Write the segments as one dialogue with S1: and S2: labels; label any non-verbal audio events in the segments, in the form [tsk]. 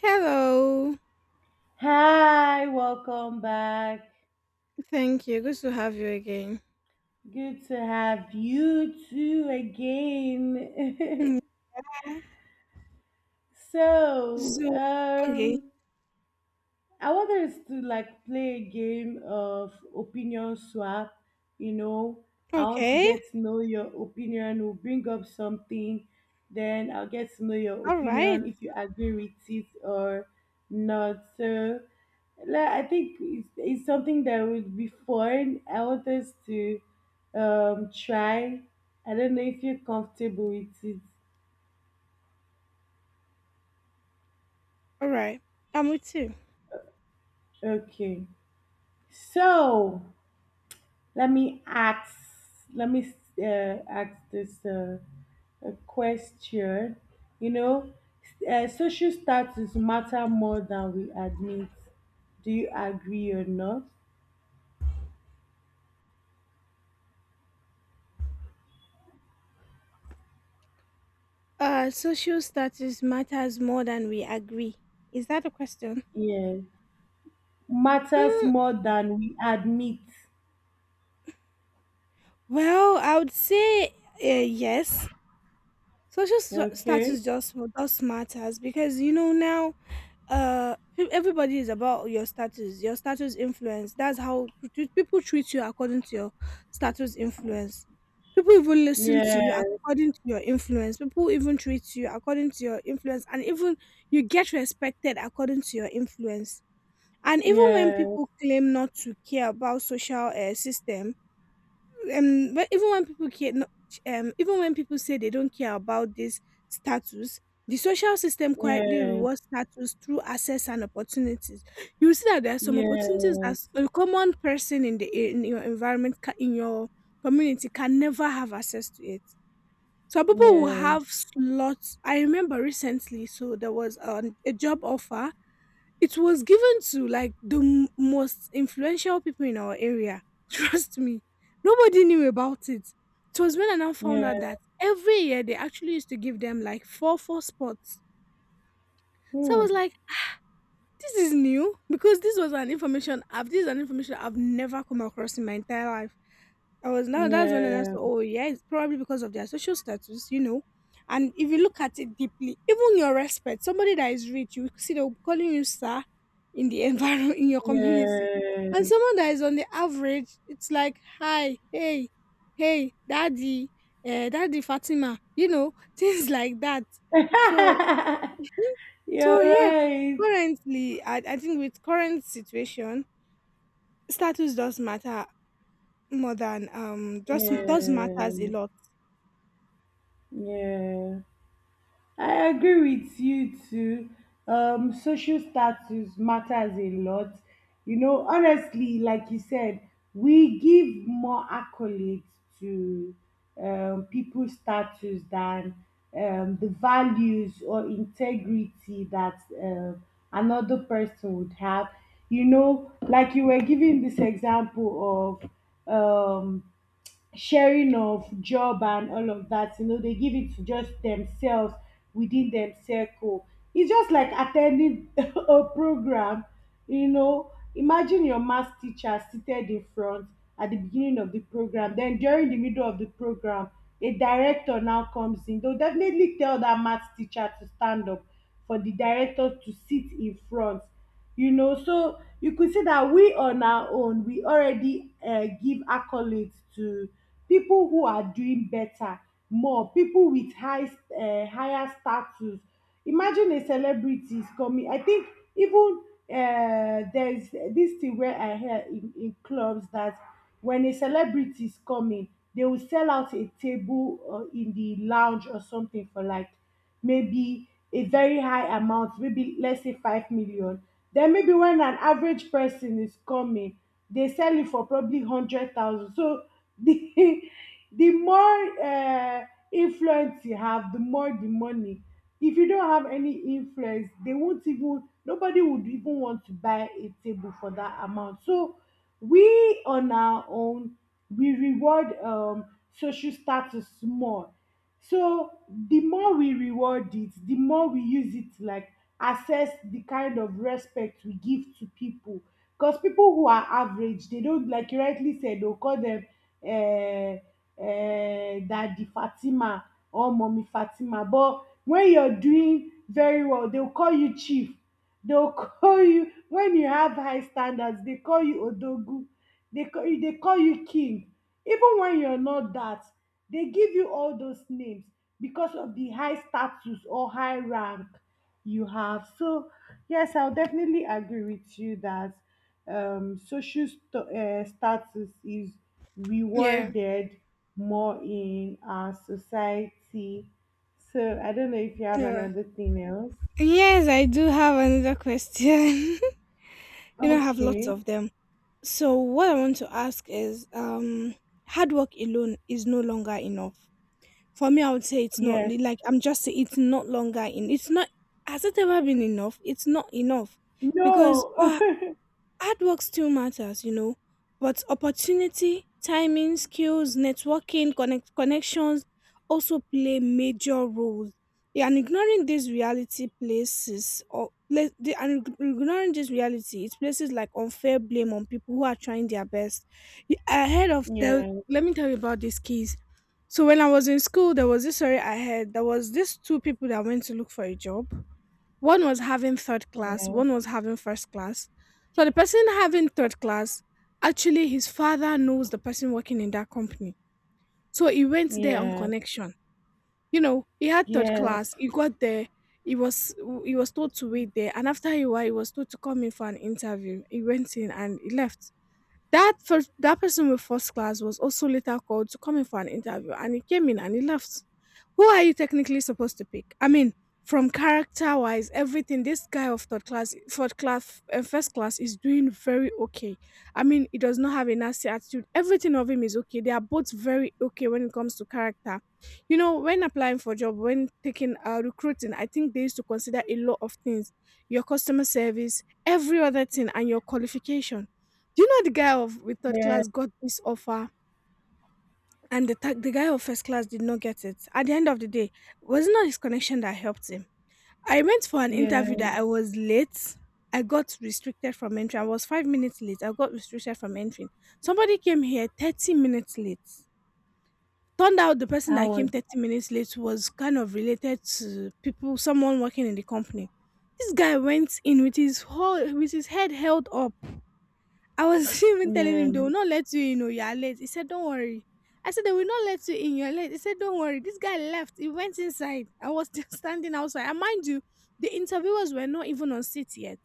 S1: Hello.
S2: Hi, welcome back.
S1: Thank you. Good to have you again.
S2: Good to have you too
S1: Mm.
S2: again.
S1: Yeah.
S2: [laughs] so,
S1: So, okay.
S2: um, I want us to play a game of opinion swap. You know, I want to
S1: Okay.
S2: get to know your opinion. We'll bring up something, then I'll get to know your
S1: All
S2: opinion
S1: right.
S2: if you agree with it or not. So, I think it's something that would be fun. I want us to try. I don't know if you're comfortable with it.
S1: All right. I'm with you.
S2: Okay, so. Let me ask. Let me ask this question. You know, social status matter more than we admit. Do you agree or not?
S1: Social status matters more than we agree. Is that a question?
S2: Yeah, matters
S1: Hmm.
S2: more than we admit.
S1: Well, I would say yes. Social
S2: Okay.
S1: status just does matters because you know now everybody is about your status, your status influence, that's how people treat you according to your status influence, people even listen to you
S2: Yes.
S1: according to your influence, people even treat you according to your influence, and even you get respected according to your influence, and even when
S2: Yes.
S1: people claim not to care about social system, but even when people care even when people say they don't care about this status, the social system quietly
S2: Yes.
S1: rewards status through access and opportunities. You see that there are some opportunities that
S2: Yes.
S1: a common person in in your environment, in your community can never have access to it. So people will
S2: Yes.
S1: have slots. I remember recently, so there was a job offer. It was given to like the most influential people in our area. [laughs] Trust me, nobody knew about it. It was when I now found out that
S2: Yes.
S1: every year they actually used to give them like four spots. So I
S2: Hmm.
S1: was like, this is new, because this is an information I've never come across in my entire life. I was now that's when I asked,
S2: Yeah.
S1: oh yeah, it's probably because of their social status, you know. And if you look at it deeply, even your respect, somebody that is rich, you see them calling you sir in the [laughs] environment in your community. And
S2: Yes.
S1: someone that is on the average, it's like hi, hey, hey, daddy, daddy Fatima, you know, [laughs] things like that. So
S2: [laughs] You're
S1: yeah,
S2: right.
S1: currently, I think with current situation, status does matter more than just does matters a
S2: Yeah,
S1: lot.
S2: yeah, I agree with you too. Social status matters a lot. You know, honestly, like you said, we give more accolades to people's status than the values or integrity that um another person would have. You know, like you were giving this example of um, sharing of job and all of that, you know, they give it to just themselves within them circle. It's just like attending [laughs] a program, you know. Imagine your math teacher seated in front at the beginning of the program, then during the middle of the program, a director now comes in. They'll definitely tell that math teacher to stand up for the director to sit in front. You know, so you could see that we on our own, we already give accolades to people who are doing better, more people with higher status. Imagine a celebrity is coming. I think even there's this thing where I hear in clubs that when a celebrity is coming, they will sell out a table in the lounge or something for like maybe a very high amount, maybe let's say 5 million. Then maybe when an average person is coming, they sell it for probably 100,000. So the, [laughs] the more influence you have, the more the money. If you don't have any influence, they won't even, nobody would even want to buy a table for that amount. So we on our own, we reward social status more. So the more we reward it, the more we use it to assess the kind of respect we give to people. Because people who are average, they don't, like you rightly said, they'll call them uh, Daddy Fatima or Mommy Fatima. But when you're doing very well, they'll call you Chief. They'll call you, when you have high standards, they call you Odogu, they call you king. Even when you're not that, they give you all those names because of the high status or high rank you have. So, yes, I'll definitely agree with you that status is
S1: Yeah.
S2: rewarded more in our society. So, I don't know if you have
S1: Yeah.
S2: another thing else.
S1: Yes, I do have another question. [laughs] You know, I have lots
S2: Okay.
S1: of them. So what I want to ask is, hard work alone is no longer enough. For me, I would say it's not
S2: Yes.
S1: like I'm just saying it's not longer in. It's not. Has it ever been enough? It's not enough because
S2: No.
S1: all
S2: [laughs]
S1: hard work still matters, you know, but opportunity, timing, skills, networking, connections also play major roles. Yeah, and ignoring this reality places or pla- the, and ig- ignoring this reality, it places like unfair blame on people who are trying their best. Y- I heard of the
S2: Yes.
S1: Let me tell you about these keys. So when I was in school, there was this story I heard. There was these two people that went to look for a job. One was having third class,
S2: Yes.
S1: one was having first class. So the person having third class, actually his father knows the person working in that company. So he went there on
S2: Yes.
S1: connection. You know, he had third
S2: Yes.
S1: class, he got there, he was told to wait there, and after a while he was told to come in for an interview. He went in and he left. That person with first class was also later called to come in for an interview, and he came in and he left. Who are you technically supposed to pick? I mean, from character wise, everything. This guy of third class, first class is doing very okay. I mean, he does not have a nasty attitude. Everything of him is okay. They are both very okay when it comes to character. You know, when applying for job, when taking recruiting, I think they used to consider a lot of things: your customer service, every other thing, and your qualification. Do you know the guy of with third
S2: Yes.
S1: class got this offer? And the guy of first class did not get it. At the end of the day, it was not his connection that helped him. I went for an interview
S2: Yes.
S1: that I was late. I got restricted from entering. I was 5 minutes late. I got restricted from entering. Somebody came here 30 minutes late. Turned out the person
S2: I
S1: that came
S2: was.
S1: 30 minutes late was kind of related to people, someone working in the company. This guy went in with his whole with his head held up. I was [laughs] even telling him, they will
S2: Yes.
S1: not let you in, oh, you are late. He said, Don't worry. I said, They will not let you in, you're late. He said, Don't worry. This guy left. He went inside. I was still [laughs] standing outside. And mind you, the interviewers were not even on seat yet.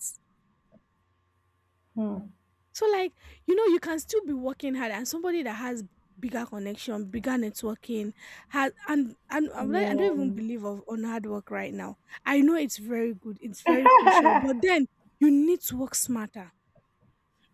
S2: Hmm.
S1: So, like, you know, you can still be working hard and somebody that has bigger connection, bigger networking, has and I don't even
S2: Yes.
S1: believe of on hard work right now. I know it's very good, it's very crucial, but
S2: [laughs]
S1: then you need to work smarter.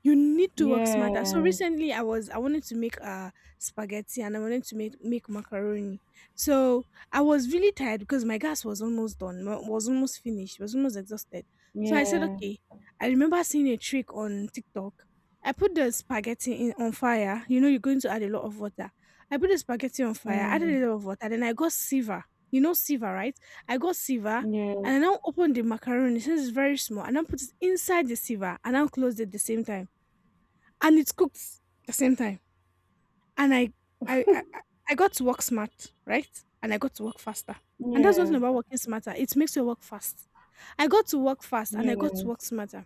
S1: You need to work smarter. So
S2: Yes.
S1: recently I wanted to make spaghetti, and I wanted to make macaroni. So I was really tired because my gas was almost done, was almost finished, was almost exhausted. So I said,
S2: Yes.
S1: okay. I remember seeing a trick on TikTok. I put the spaghetti in on fire. You know, you're going to add a lot of water. I put the spaghetti on fire, added
S2: Hmm.
S1: a lot of water, then I got silver. You know silver, right? I got silver,
S2: Yes.
S1: and I now opened the macaroni since it's very small, and I now put it inside the sieve and now closed it at the same time, and it's cooked the same time. And I got to work smart, right? And I got to work faster. And that's one thing about
S2: Yes.
S1: working smarter. It makes you work fast. I got to work fast and
S2: Yes.
S1: I got to
S2: Yes.
S1: work smarter.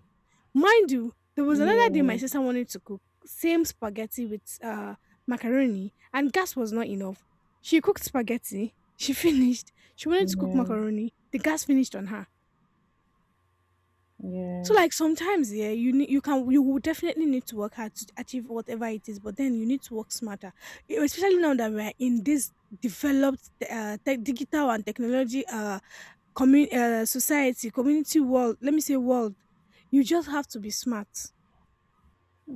S1: Mind you, there was another day my
S2: Yes.
S1: sister wanted to cook same spaghetti with macaroni, and gas was not enough. She cooked spaghetti. She [laughs] finished. She wanted to cook
S2: Yes.
S1: macaroni. The gas finished on her. So like sometimes, yeah, you will definitely need to work hard to achieve whatever it is, but then you need to work smarter. Especially now that we're in this developed tech, digital and technology society, community, world. Let me say world. You just have to be smart,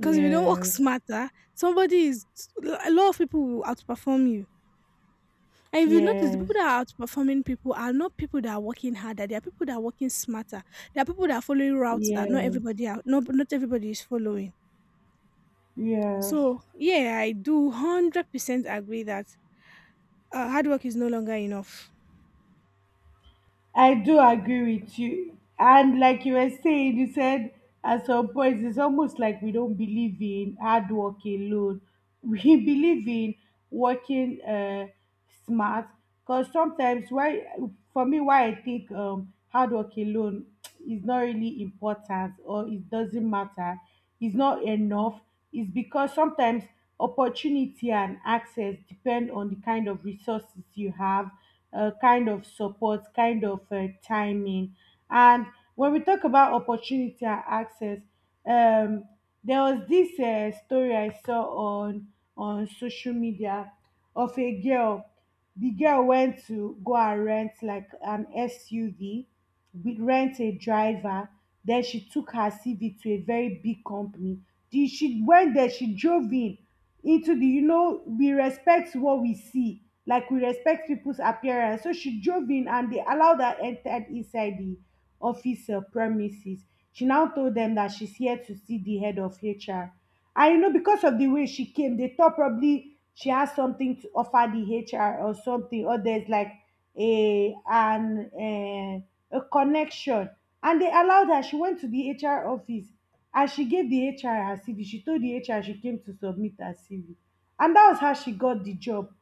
S1: because if you don't work smarter, somebody is a lot of people will outperform you. And if you notice, the
S2: Yes.
S1: people that are outperforming people are not people that are working harder. They are people that are working smarter. There are people that are following routes that
S2: Yes.
S1: not everybody is following.
S2: Yes. Yes.
S1: So yeah, I do 100% agree that hard work is no longer enough.
S2: I do agree with you. And like you were saying, you said at some point it's almost like we don't believe in hard work alone. [laughs] We believe in working smart, because sometimes, why for me why I think hard work alone [tsk] is not really important or it doesn't matter is not enough, is because sometimes opportunity and access depend on the kind of resources you have, kind of support, timing. And when we talk about opportunity and access, um, there was this story I saw on social media of a girl. The girl went to go and rent like an SUV, we rent a driver. Then she took her CV to a very big company. She went there, she drove in into the, you know, we respect what we see, like we respect people's appearance. So she drove in and they allowed her entered inside the office premises. She now told them that she's here to see the head of HR, and you know, because of the way she came, they thought probably she has something to offer the HR or something, or there's like a an a connection. And they allowed her, she went to the HR office, and she gave the HR her CV, she told the HR she came to submit her CV, and that was how she got the job.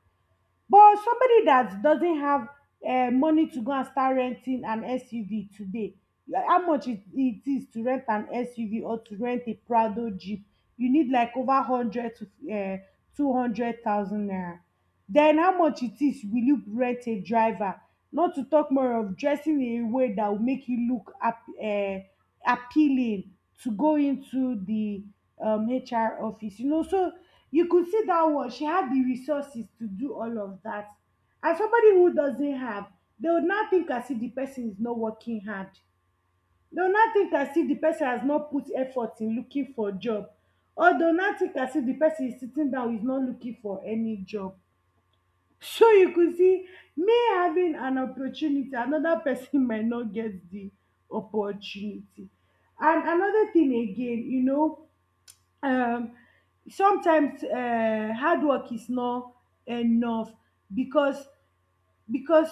S2: But somebody that doesn't have money to go and start renting an SUV today, yeah, how much it is to rent an SUV or to rent a Prado Jeep, you need like over 100 to 200,000 naira. Then how much it is will you rent a driver? Not to talk more of dressing in a way that will make you look up. Appealing to go into the HR office, you know. So you could see that one, she had the resources to do all of that. As somebody who doesn't have, they would not think as if the person is not working hard. They would not think as if the person has not put effort in looking for job. Or they would not think as if the person is sitting down is not looking for any job. So you could see me having an opportunity, another person [laughs] might not get the opportunity. And another thing again, you know, um, sometimes hard work is not enough because because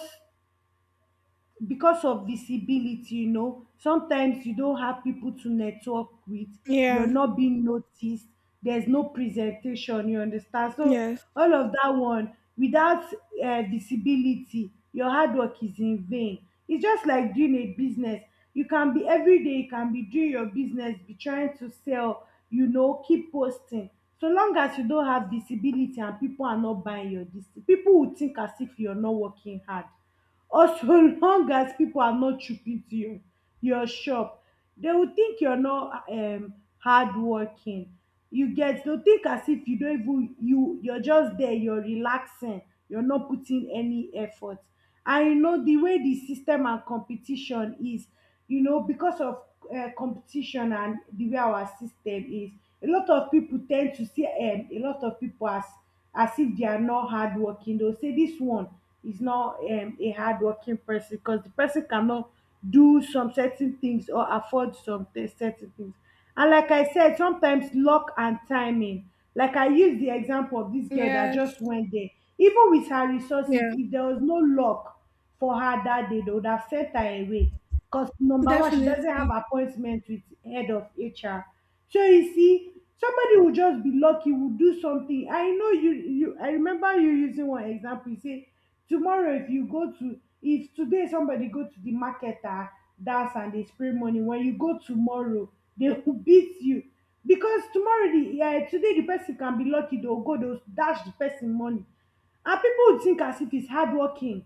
S2: of visibility. You know, sometimes you don't have people to network with, you're
S1: Yeah.
S2: not being noticed, there's no presentation, you understand? So
S1: Yes.
S2: all of that one without visibility, your hard work is in vain. It's just like doing a business. You can be, every day you can be doing your business, be trying to sell, you know, keep posting, so long as you don't have visibility and people are not buying your dis, people will think as if you're not working hard. Or so [laughs] long as pipu are not chook into your shop, dey will think you're not hardworking. You get? Dey will think as if you don't even, you're just there, you're relaxing, you're not putting any effort. And you know de way de system and competition is, you know, because of competition and de way our system is, a lot of pipu ten d to see a lot of pipu as if they are not hardworking. They'll say this one is not a hardworking person because the person cannot do some certain things or afford some certain things. And like I said, sometimes luck and timing. Like I used the example of this girl that
S1: Yes.
S2: just went there. Even with her resources,
S1: Yeah.
S2: if there was no luck for her that day, they would have sent her away. Because number one, she doesn't have
S1: Definitely.
S2: appointment with head of HR. Shey you see, somebody will just be lucky, will do something. I know you you I remember you using one example, you say tomorrow, if today somebody go to the market, ah, dance and dey spray money, when you go tomorrow they [laughs] go beat you. Because tomorrow the today the person can be lucky, they go dash the person money, and people will think as if it's hardworking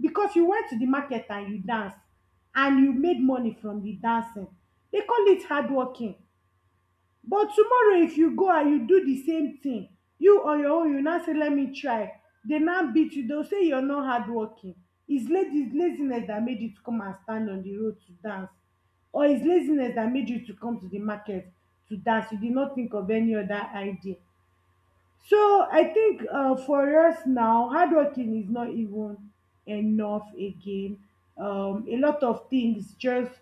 S2: because you went to the market and you danced and you made money from the dancing, they call it hardworking. But tomorrow if you go and you do the same thing, you on your own, you now say let me try, they now beat you, they'll say you're not hardworking. It's ladies laziness that made you to come and stand on the road to dance, or it's laziness that made you to come to the market to dance. You did not think of any other idea. So I think for us now, hardworking is not even enough again. A lot of things just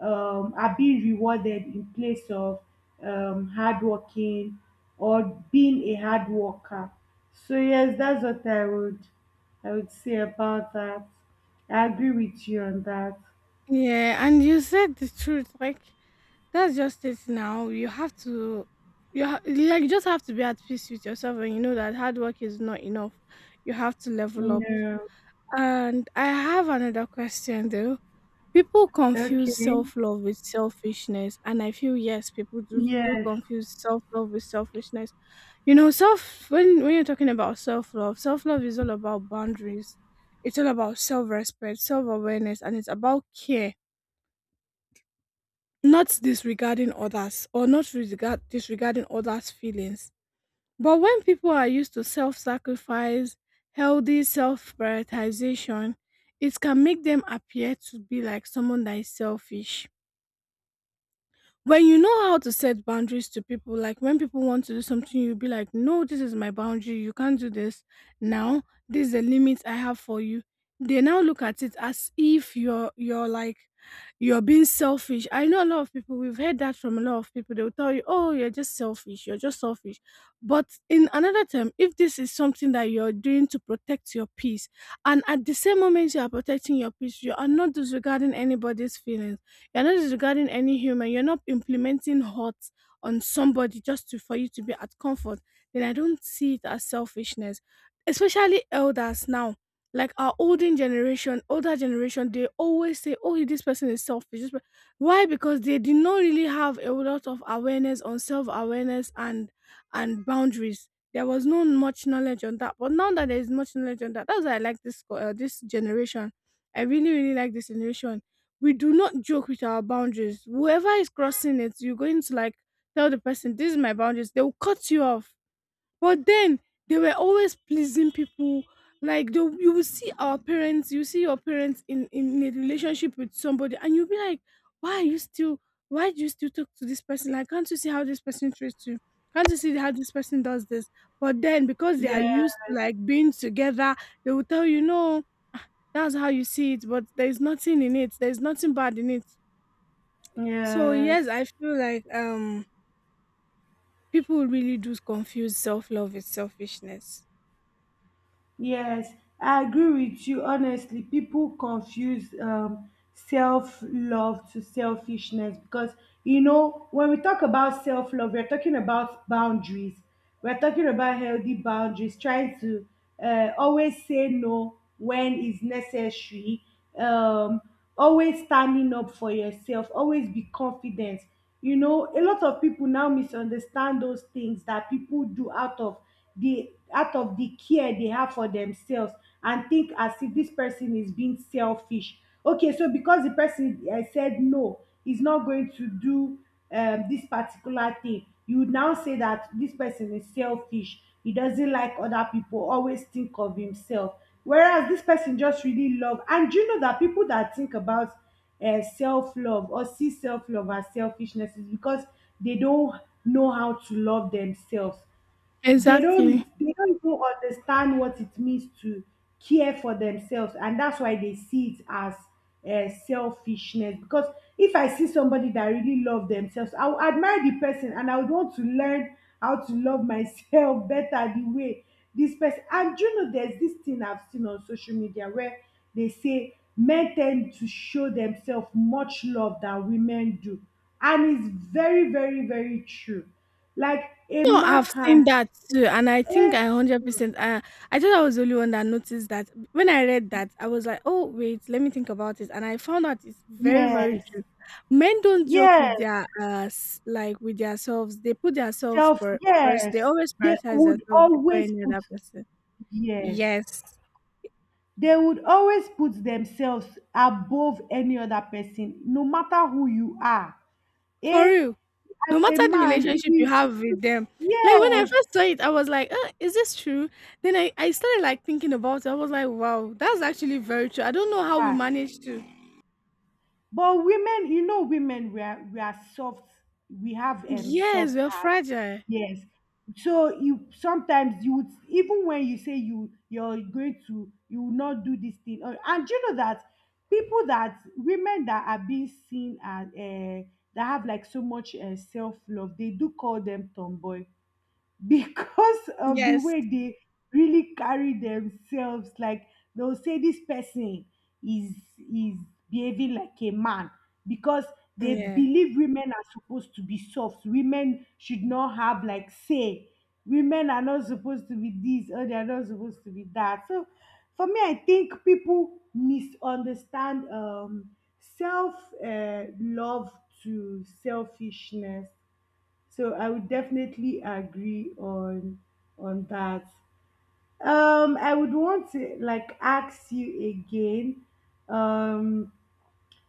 S2: are being rewarded in place of hardworking or being a hard worker. So yes, that's what I would say about that. I agree with you on that.
S1: Yeah, and you said the truth. Like, that's just it now. You have to like you just have to be at peace with yourself and you know that hard work is not enough. You have to level up.
S2: Yeah.
S1: And I have another question though. People confuse
S2: Okay.
S1: self love with selfishness, and I feel yes, people do, do
S2: Yes.
S1: confuse self love with selfishness. You know, self when you're talking about self love is all about boundaries. It's all about self respect, self awareness, and it's about care, not disregarding others, or not regard disregarding others' feelings. But when people are used to self sacrifice, healthy self prioritization, it can make them appear to be like someone that is selfish. When you know how to set boundaries to people, like when people want to do something, you'll be like, no, this is my boundary. You can't do this now. This is the limit I have for you. They now look at it as if you're being selfish. I know a lot of people, we've heard that from a lot of people. They'll tell you, oh, you're just selfish, you're just selfish. But in another term, if this is something that you're doing to protect your peace, and at the same moment you are protecting your peace, you are not disregarding anybody's feelings, you're not disregarding any human. You're not implementing hurt on somebody just to, for you to be at comfort. Then I don't see it as selfishness, especially elders now. Like our olden generation, older generation, they always say, "Oh, this person is selfish." Why? Because they did not really have a lot of awareness on self awareness and boundaries. There was no much knowledge on that. But now that there is much knowledge on that, that's why I like this generation. I really, really like this generation. We do not joke with our boundaries. Whoever is crossing it, you're going to like tell the person, "This is my boundaries." They will cut you off. But then they were always pleasing people. Like they, you will see our parents, you see your parents in a relationship with somebody, and you'll be like, "Why are you still why do you still talk to this person? Like, can't you see how this person treats you? Can't you see how this person does this?" But then because they are
S2: Yeah.
S1: used to like being together, they will tell you, "No, that's how you see it, but there's nothing in it. There's nothing bad in it." So yes,
S2: Yes.
S1: I feel like people really do confuse self love with selfishness.
S2: Yes, I agree with you. Honestly, people confuse self love to selfishness because, you know, when we talk about self love, we're talking about boundaries. We're talking about healthy boundaries, trying to always say no when is necessary, um, always standing up for yourself, always be confident. You know, a lot of people now misunderstand those things that people do out of the care they have for themselves and think as if this person is being selfish. Okay, so because the person said no, he's not going to do this particular thing, you would now say that this person is selfish, he doesn't like other people, always think of himself, whereas this person just really love. And you know that people that think about self-love or see self-love as selfishness is because they don't know how to love themselves. they don't
S1: Exactly.
S2: they don't even understand what it means to care for themselves, and that's why they see it as selfishness. Because if I see somebody that really love themselves, I will admire the person and I would want to learn how to love myself [laughs] better the way this person. And you know, there's this thing I've seen on social media where they say men tend to show themselves much love than women do, and it's very true. Like, a
S1: No, I've
S2: man can.
S1: seen that too, and I think
S2: Eh,
S1: I 100%. I thought I was the only one that noticed that. When I read that, I was like, "Oh wait, let me think about it," and I found out it's very very
S2: yes,
S1: true. Men don't joke with
S2: yes,
S1: their s- like with themselves. They put themselves
S2: self,
S1: first. They
S2: yes.
S1: always
S2: They
S1: prioritize
S2: would
S1: themselves before
S2: always
S1: any
S2: put,
S1: other person.
S2: yes,
S1: Yes,
S2: they would always put themselves above any other person, no matter who you are.
S1: for
S2: Eh?
S1: real.
S2: As
S1: No
S2: a
S1: matter the
S2: man, if
S1: relationship you
S2: you,
S1: have with them. Like when I
S2: yes,
S1: first saw it, I was like, is this true? Then I started like thinking about it. I was like, wow, that's actually very true. I don't know how we
S2: ah.
S1: managed to.
S2: But women, you know, women we are soft. We have
S1: Yes,
S2: soft
S1: we're
S2: heart.
S1: fragile.
S2: Yes. So you sometimes you would, even when you say you're going to, you will not do this thing. Or- And you know that people that women that are being seen as that have like so much self love, they do call them tomboy because of the
S1: Yes.
S2: way they really carry themselves, like they'll say this person is is behaving like a man because they
S1: Yeah.
S2: believe women are supposed to be soft, women should not have like say women are not supposed to be this or they are not supposed to be that. So for me, I think people misunderstand self love to selfishness. So I would definitely agree on that. I would want to like ask you again. Um,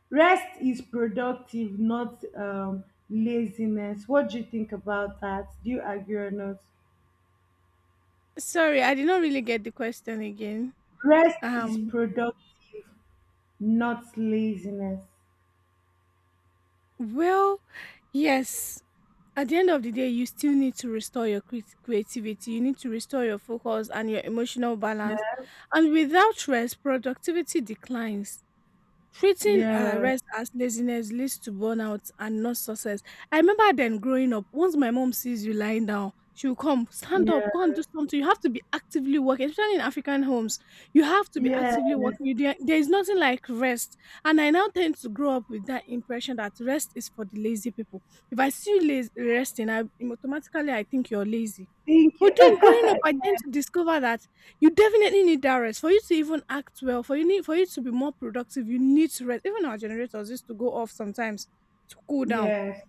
S2: rest is productive, not laziness. What do you think about that? Do you agree or not?
S1: Sorry, I did not really get the question again.
S2: Rest is
S1: Um,
S2: productive, not laziness.
S1: well, yes. At the end of the day, you still need to restore your creativity. You need to restore your focus and your emotional balance.
S2: Yeah,
S1: And without rest, productivity declines. Treating
S2: yeah,
S1: rest as laziness leads to burnout and not success. I remember then growing up, once my mom sees you lying down, she'll come, stand up,
S2: yeah.
S1: go and do something. You have to be actively working, especially in African homes. You have to be
S2: Yes.
S1: actively working. You, there is nothing like rest. And I now tend to grow up with that impression that rest is for the lazy people. If I see you lazy, resting, I automatically I think you're lazy.
S2: Thank
S1: But
S2: you.
S1: then growing up, I tend
S2: [laughs]
S1: to discover that you definitely need that rest. For you to even act well, for you need for you to be more productive, you need to rest. Even our generators used to go off sometimes to cool down.
S2: Yes,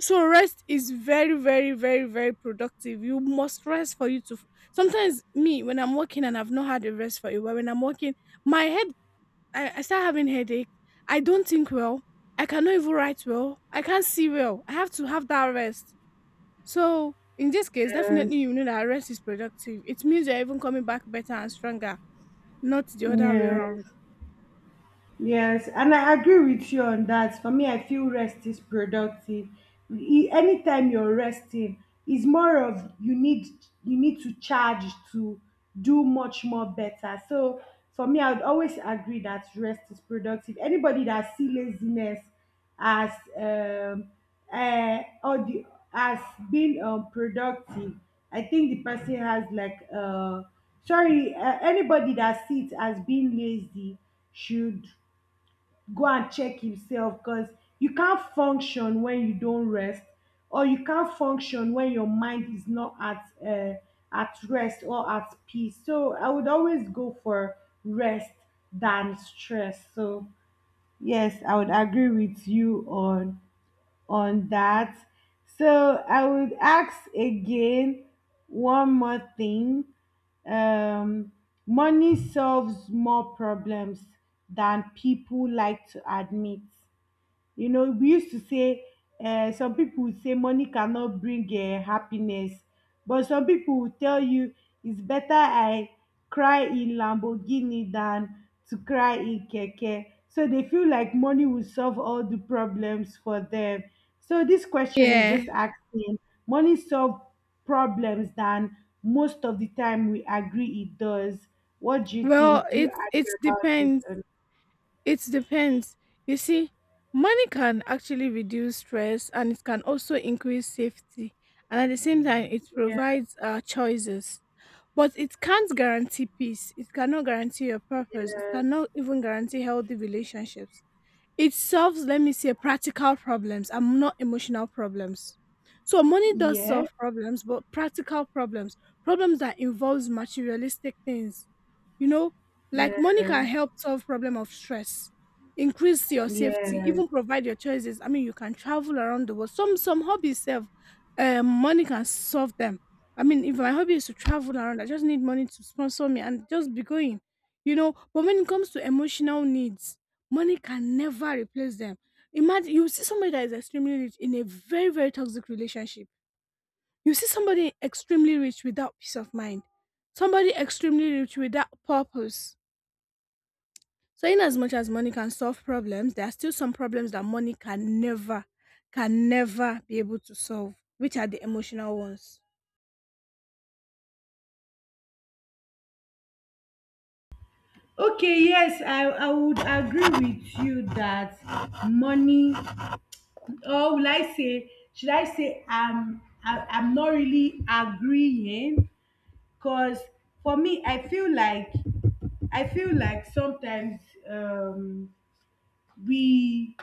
S1: So rest is very, very, very, very productive. You must rest for you to. F- Sometimes me, when I'm working and I've not had a rest for a while, when I'm working, my head, I start having headache. I don't think well. I cannot even write well. I can't see well. I have to have that rest. So in this case,
S2: yes,
S1: definitely you know that rest is productive. It means you're even coming back better and stronger. Not the other way around.
S2: yes. Yes, and I agree with you on that. For me, I feel rest is productive. E- Anytime you're resting, is more of you need to charge to do much more better. So for me, I would always agree that rest is productive. Anybody that see laziness as um or the as being productive, I think the person has like sorry, anybody that sees it as being lazy should go and check himself. Because you can't function when you don't rest, or you can't function when your mind is not at at rest or at peace. So I would always go for rest than stress. So yes, I would agree with you on that. So I would ask again one more thing. Um, money solves more problems than people like to admit. You know, we used to say some people would say money cannot bring happiness, but some people will tell you it's better I cry in Lamborghini than to cry in keke. So they feel like money will solve all the problems for them. So this question is
S1: Yeah.
S2: just asking money solve problems than, most of the time we agree it does. What do you
S1: Well,
S2: think? Do you
S1: it
S2: agree about it
S1: depends.
S2: or not?
S1: It depends. You see, money can actually reduce stress and it can also increase safety. And at the same time, it
S2: Yeah,
S1: provides choices. But it can't guarantee peace. It cannot guarantee your purpose. It
S2: yes,
S1: cannot even guarantee healthy relationships. It solves, let me say, practical problems and not emotional problems. So money does
S2: yes.
S1: solve problems, but practical problems, problems that involves materialistic things. You know, like money can
S2: Yeah,
S1: help solve problem of stress, increase your safety,
S2: yeah.
S1: even provide your choices. I mean, you can travel around the world. Some hobbies serve, money can solve them. I mean, if my hobby is to travel around, I just need money to sponsor me and just be going. You know, but when it comes to emotional needs, money can never replace them. Imagine you see somebody that is extremely rich in a very, very toxic relationship. You see somebody extremely rich without peace of mind, somebody extremely rich without purpose. So, in as much as money can solve problems, there are still some problems that money can never be able to solve, which are the emotional ones.
S2: Okay, yes, I would agree with you that money, or will I say, should I say, I, I'm not really agreeing, because for me, I feel like sometimes um, we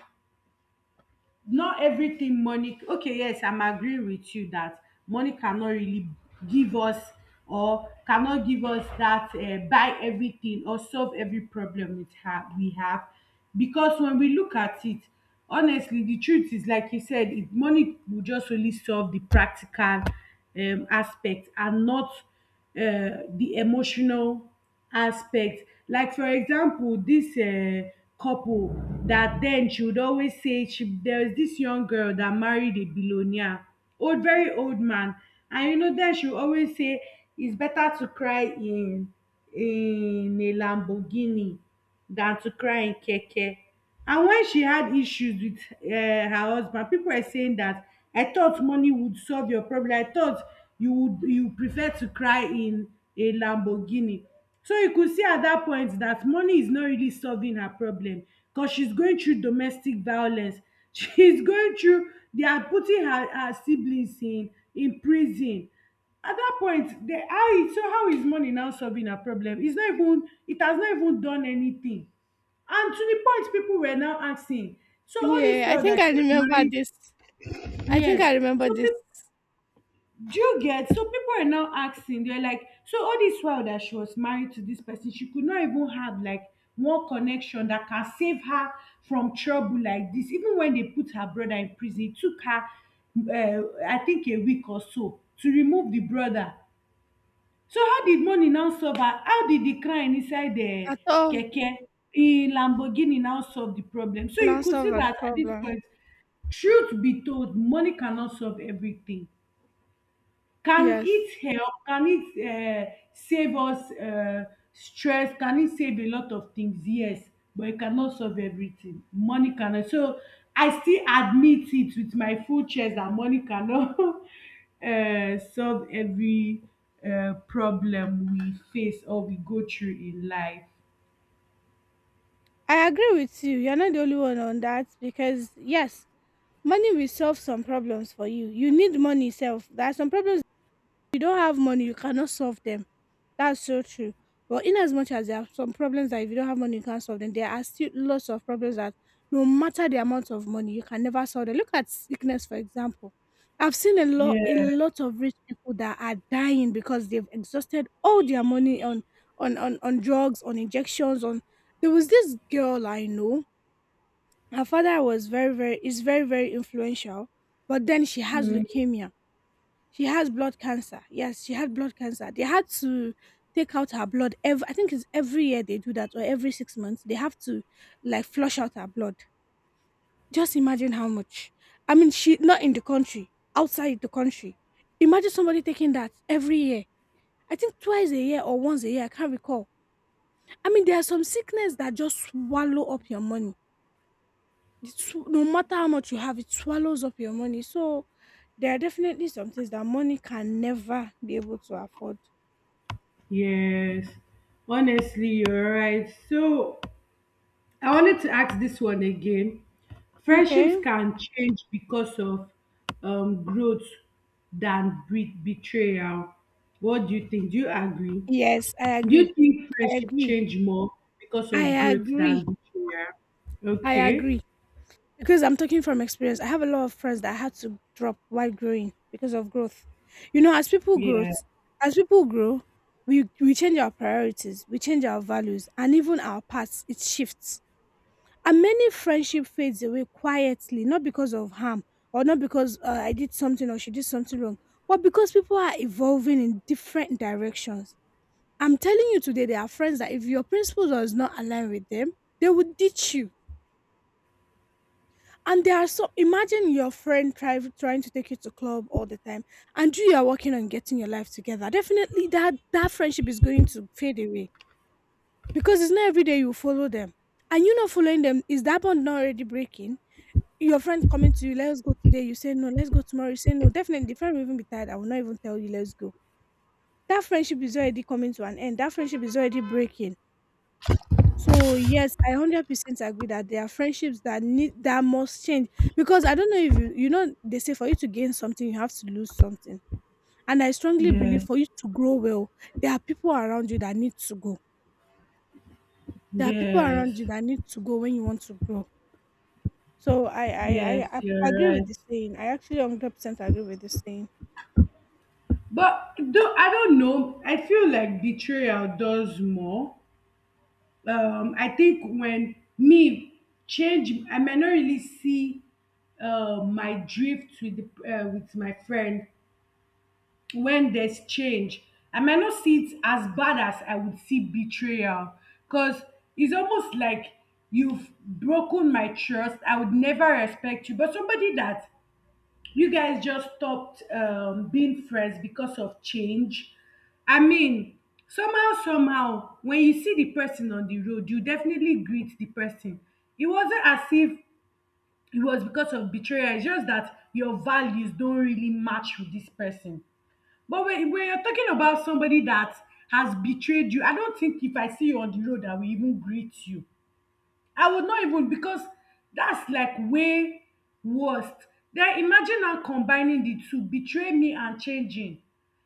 S2: not everything money. Okay, yes, I'm agreeing with you that money cannot really give us or cannot give us that buy everything or solve every problem we have because when we look at it, honestly, the truth is, like you said, if money will just only solve the practical aspect and not the emotional aspect. Like for example this couple, that then she would always say she, there was this young girl that married a billionaire, old very old man, and you know, then she would always say it's better to cry in a Lamborghini than to cry in keke. And wen she had issues wit her husband, pipu were saying dat I thought money would solve your problem, I thought you would, you prefer to cry in a Lamborghini. So you could see at dat point dat money is not really solving her problem, cos shes going through domestic violence. [laughs] Shes going through, they are putting her her siblings in prison. At dat point, de how is, so how is money now solving her problem? Its not even, it has not even done anything. And to the point people were now asking, so all this
S1: Yeah, I
S2: while
S1: think
S2: that she
S1: I
S2: was
S1: remember
S2: married,
S1: this. I think
S2: yes.
S1: I remember
S2: So
S1: this.
S2: people, do you get? So people are now asking, they're like, so all this while that she was married to this person, she could not even have like one connection that can save her from trouble like this. Even when they put her brother in prison, it took her, I think, a week or so to remove the brother. So how did money now solve her? How did the crying inside the
S1: At all,
S2: keke in Lamborghini now solve the problem? So
S1: now
S2: you could
S1: solve
S2: see
S1: the
S2: that at this
S1: problem.
S2: point, truth be told, money cannot solve everything. Can
S1: Yes.
S2: it help? Can it save us stress? Can it save a lot of things? Yes, but it cannot solve everything. Money cannot. So I still admit it with my full chest that money cannot [laughs] solve every problem we face or we go through in life.
S1: I agree with you. You're not the only one on that because yes, money will solve some problems for you. You need money self. There are some problems you don't have money, you cannot solve them. That's so true. But in as much as there are some problems that if you don't have money, you can't solve them, there are still lots of problems that no matter the amount of money, you can never solve them. Look at sickness, for example. I've seen a
S2: Yeah.
S1: lot of rich people that are dying because they've exhausted all their money on on drugs, on injections, on there was this girl I know. Her father was very, very is very, very influential, but then she has
S2: Mm.
S1: leukemia she has blood cancer. Yes, she had blood cancer. They had to take out her blood every I think it's every year they do that or every 6 months. They have to like flush out her blood. Just imagine how much. I mean, she not in the country, outside the country. Imagine somebody taking that every year. I think twice a year or once a year, I can't recall. I mean, there are some sickness that just swallow up your money. It's, no matter how much you have, it swallows up your money. So there are definitely some things that money can never be able to afford.
S2: Yes. Honestly, you're right. So I wanted to ask this one again. Friendships
S1: Okay.
S2: can change because of growth than betrayal. What do you think? Do you agree?
S1: Yes,
S2: Do you think
S1: I
S2: friendship
S1: agree.
S2: change more because of
S1: I
S2: growth
S1: agree.
S2: than betrayal?
S1: I
S2: Okay.
S1: agree. Because I'm talking from experience. I have a lot of friends that I had to drop while growing because of growth. You know,
S2: Yeah.
S1: as people grow, we change our priorities, we change our values, and even our paths it shifts. And many friendship fades away quietly, not because of harm or not because I did something or she did something wrong, but because people are evolving in different directions. I'm telling you today, there are friends that if your principles does not align with them, they will ditch you. And there are so imagine your friend try, trying to take you to club all the time, and you are working on getting your life together. Definitely, that friendship is going to fade away because it's not every day you follow them, and you not following them is that bond not already breaking? Your friend coming to you, let's go today. You say no, let's go tomorrow. You say no. Definitely, the friend will even be tired. I will not even tell you, let's go. That friendship is already coming to an end. That friendship is already breaking. So yes, I 100% agree that there are friendships that need that must change because I don't know if you you know they say for you to gain something you have to lose something. And I strongly believe
S2: Yes.
S1: for you to grow well, there are people around you that need to go. There are people around you
S2: Yes.
S1: that need to go when you want to grow. So
S2: Yes.
S1: I
S2: You're
S1: agree with
S2: right.
S1: this saying. I actually 100% agree with this saying.
S2: But though I don't know, I feel like betrayal does more. Um, I think when me change, I might not really see my drift with the, with my friend. When there's change, I might not see it as bad as I would see betrayal, because it's almost like you've broken my trust, I would never respect you. But somebody that you guys just stopped being friends because of change, I mean, somehow when you see the person on the road, you definitely greet the person. It wasn't as if it was because of betrayal, it's just that your values don't really match with this person. But when you're talking about somebody that has betrayed you, I don't think if I see you on the road, I will even greet you. I would not even, because that's like way worst. Then imagine now combining the two, betray me and changing.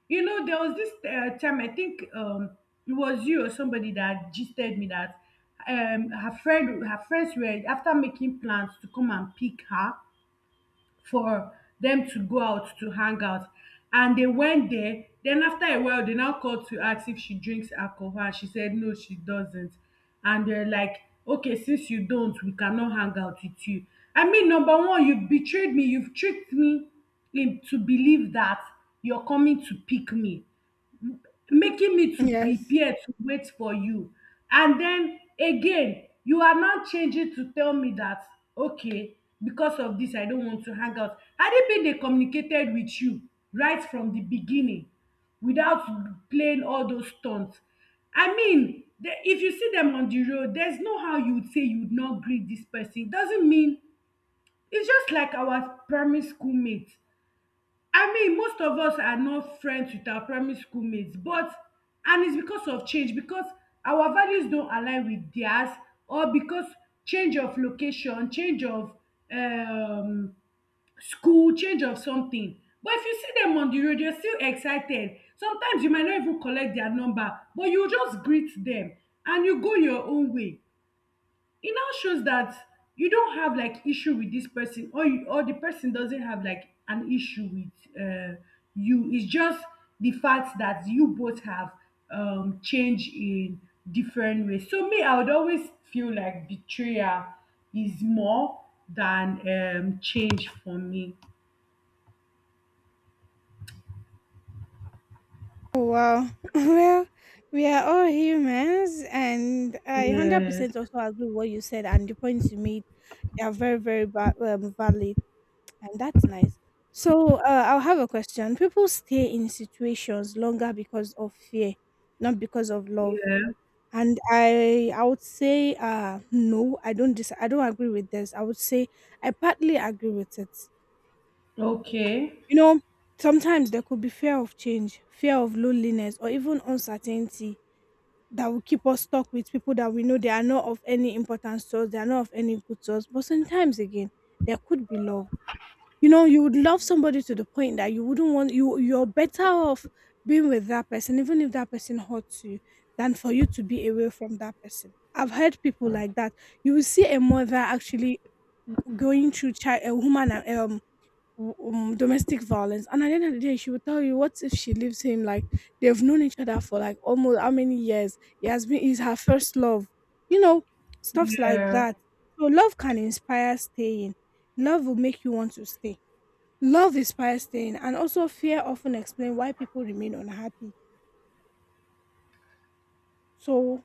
S2: You know, there was this time, I think, it was you or somebody that gisted me that her friends were after making plans to come and pick her for dem to go out to hang out. And they went there, then after a while they now called to ask if she drinks alcohol, and she said no, she doesn't. And they're like, okay, since you don't, we cannot hang out with you. I mean, number one, you betrayed me, you've tricked me into believe that you're coming to pick me, making me to
S1: Yes.
S2: prepare to wait for you. And then again, you are now changing to tell me that, okay, because of this, I don't want to hang out. Had it been they communicated with you right from the beginning without playing all those stunts, I mean, the, if you see them on the road, there's no how you would say you would not greet this person. It doesn't mean, it's just like our primary school mates. I mean, most of us are not friends with our primary school mates, but, and it's because of change, because our values don't align with theirs, or because change of location, change of um, school, change of something. But if you see them on the road, you're still excited. Sometimes you might not even collect their number, but you just greet them and you go your own way. It now shows that you don't have like issue with this person, or you, or the person doesn't have like an issue with you. It's just the fact that you both have change in different ways. So me, I would always feel like betrayal is more than change for me.
S1: Wow. [laughs] Well, we are all humans, and I
S2: Yes.
S1: 100% also agree with what you said and the points you made. They are very, very valid, and that's nice. So, I'll have a question. People stay in situations longer because of fear, not because of love.
S2: Yeah.
S1: And I would say, no, I don't. Dis- I don't agree with this. I would say I partly agree with it.
S2: Okay.
S1: You know, sometimes there could be fear of change, fear of loneliness, or even uncertainty that will keep us stuck with people that we know they are not of any importance to us, they are not of any good to us. But sometimes again, there could be love. You know, you would love somebody to the point that you wouldn't want you you're better off being with that person, even if that person hurts you, than for you to be away from that person. I've heard people like that. You will see a mother actually going through child a woman domestic violence. And at the end of the day, she will tell you, what if she leaves him? Like they've known each other for like almost how many years? He has been is her first love. You know, stuffs like
S2: Yeah.
S1: that. So love can inspire staying. Love will make you want to stay. Love inspires staying, and also fear often explain why people remain unhappy. So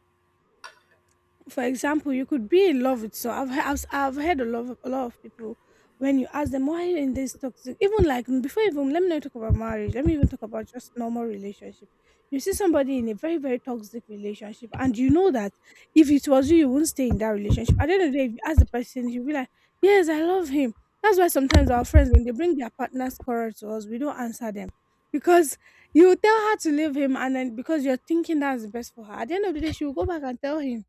S1: for example, you could be in love with so I've heard a lot of people when you ask them why are you in this toxic even like before even let me not talk about marriage let me even talk about just normal relationship. You see somebody in a very very toxic relationship and you know that if it was you you wouldn't stay in that relationship. At the end of the day if you ask the person you'll be like yes I love him. That's why sometimes our friends when they bring their partners quarrel to us we don't answer them because you tell her to leave him and then because you're thinking that's the best for her at the end of the day she will go back and tell him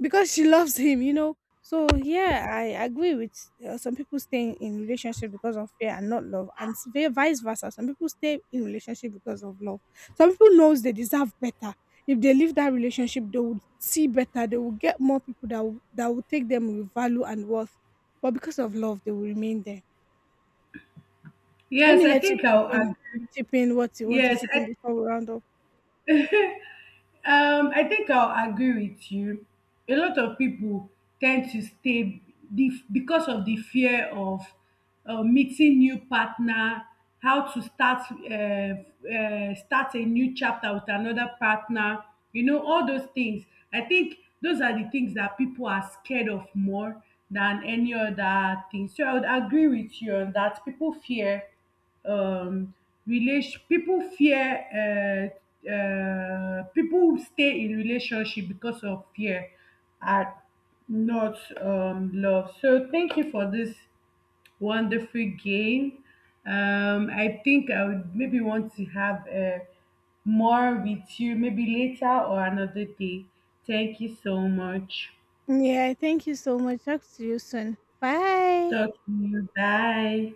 S1: because she loves him, you know. So yeah, I agree with some people staying in relationship because of fear and not love, and s- vice versa. Some people stay in relationship because of love. Some people knows they deserve better. If they leave that relationship, they would see better. They will get more people that will take them with value and worth. But because of love, they will remain there. Let me
S2: Yes, I
S1: let you
S2: think
S1: chip
S2: I'll
S1: in,
S2: agree.
S1: chip in what you want to
S2: Yes,
S1: chip
S2: I.
S1: in before we round up.
S2: I think I'll agree with you. A lot of people tend to stay the, because of the fear of meeting new partner, how to start start a new chapter with another partner. You know all those things. I think those are the things that people are scared of more than any other thing. So I would agree with you on that. People fear um relation people fear people stay in relationship because of fear and not love. So thank you for this wonderful game. I think I would maybe want to have more with you maybe later or another day. Thank you so much.
S1: Yeah, thank you so much. Talk to you soon. Bye.
S2: Talk to you. Bye.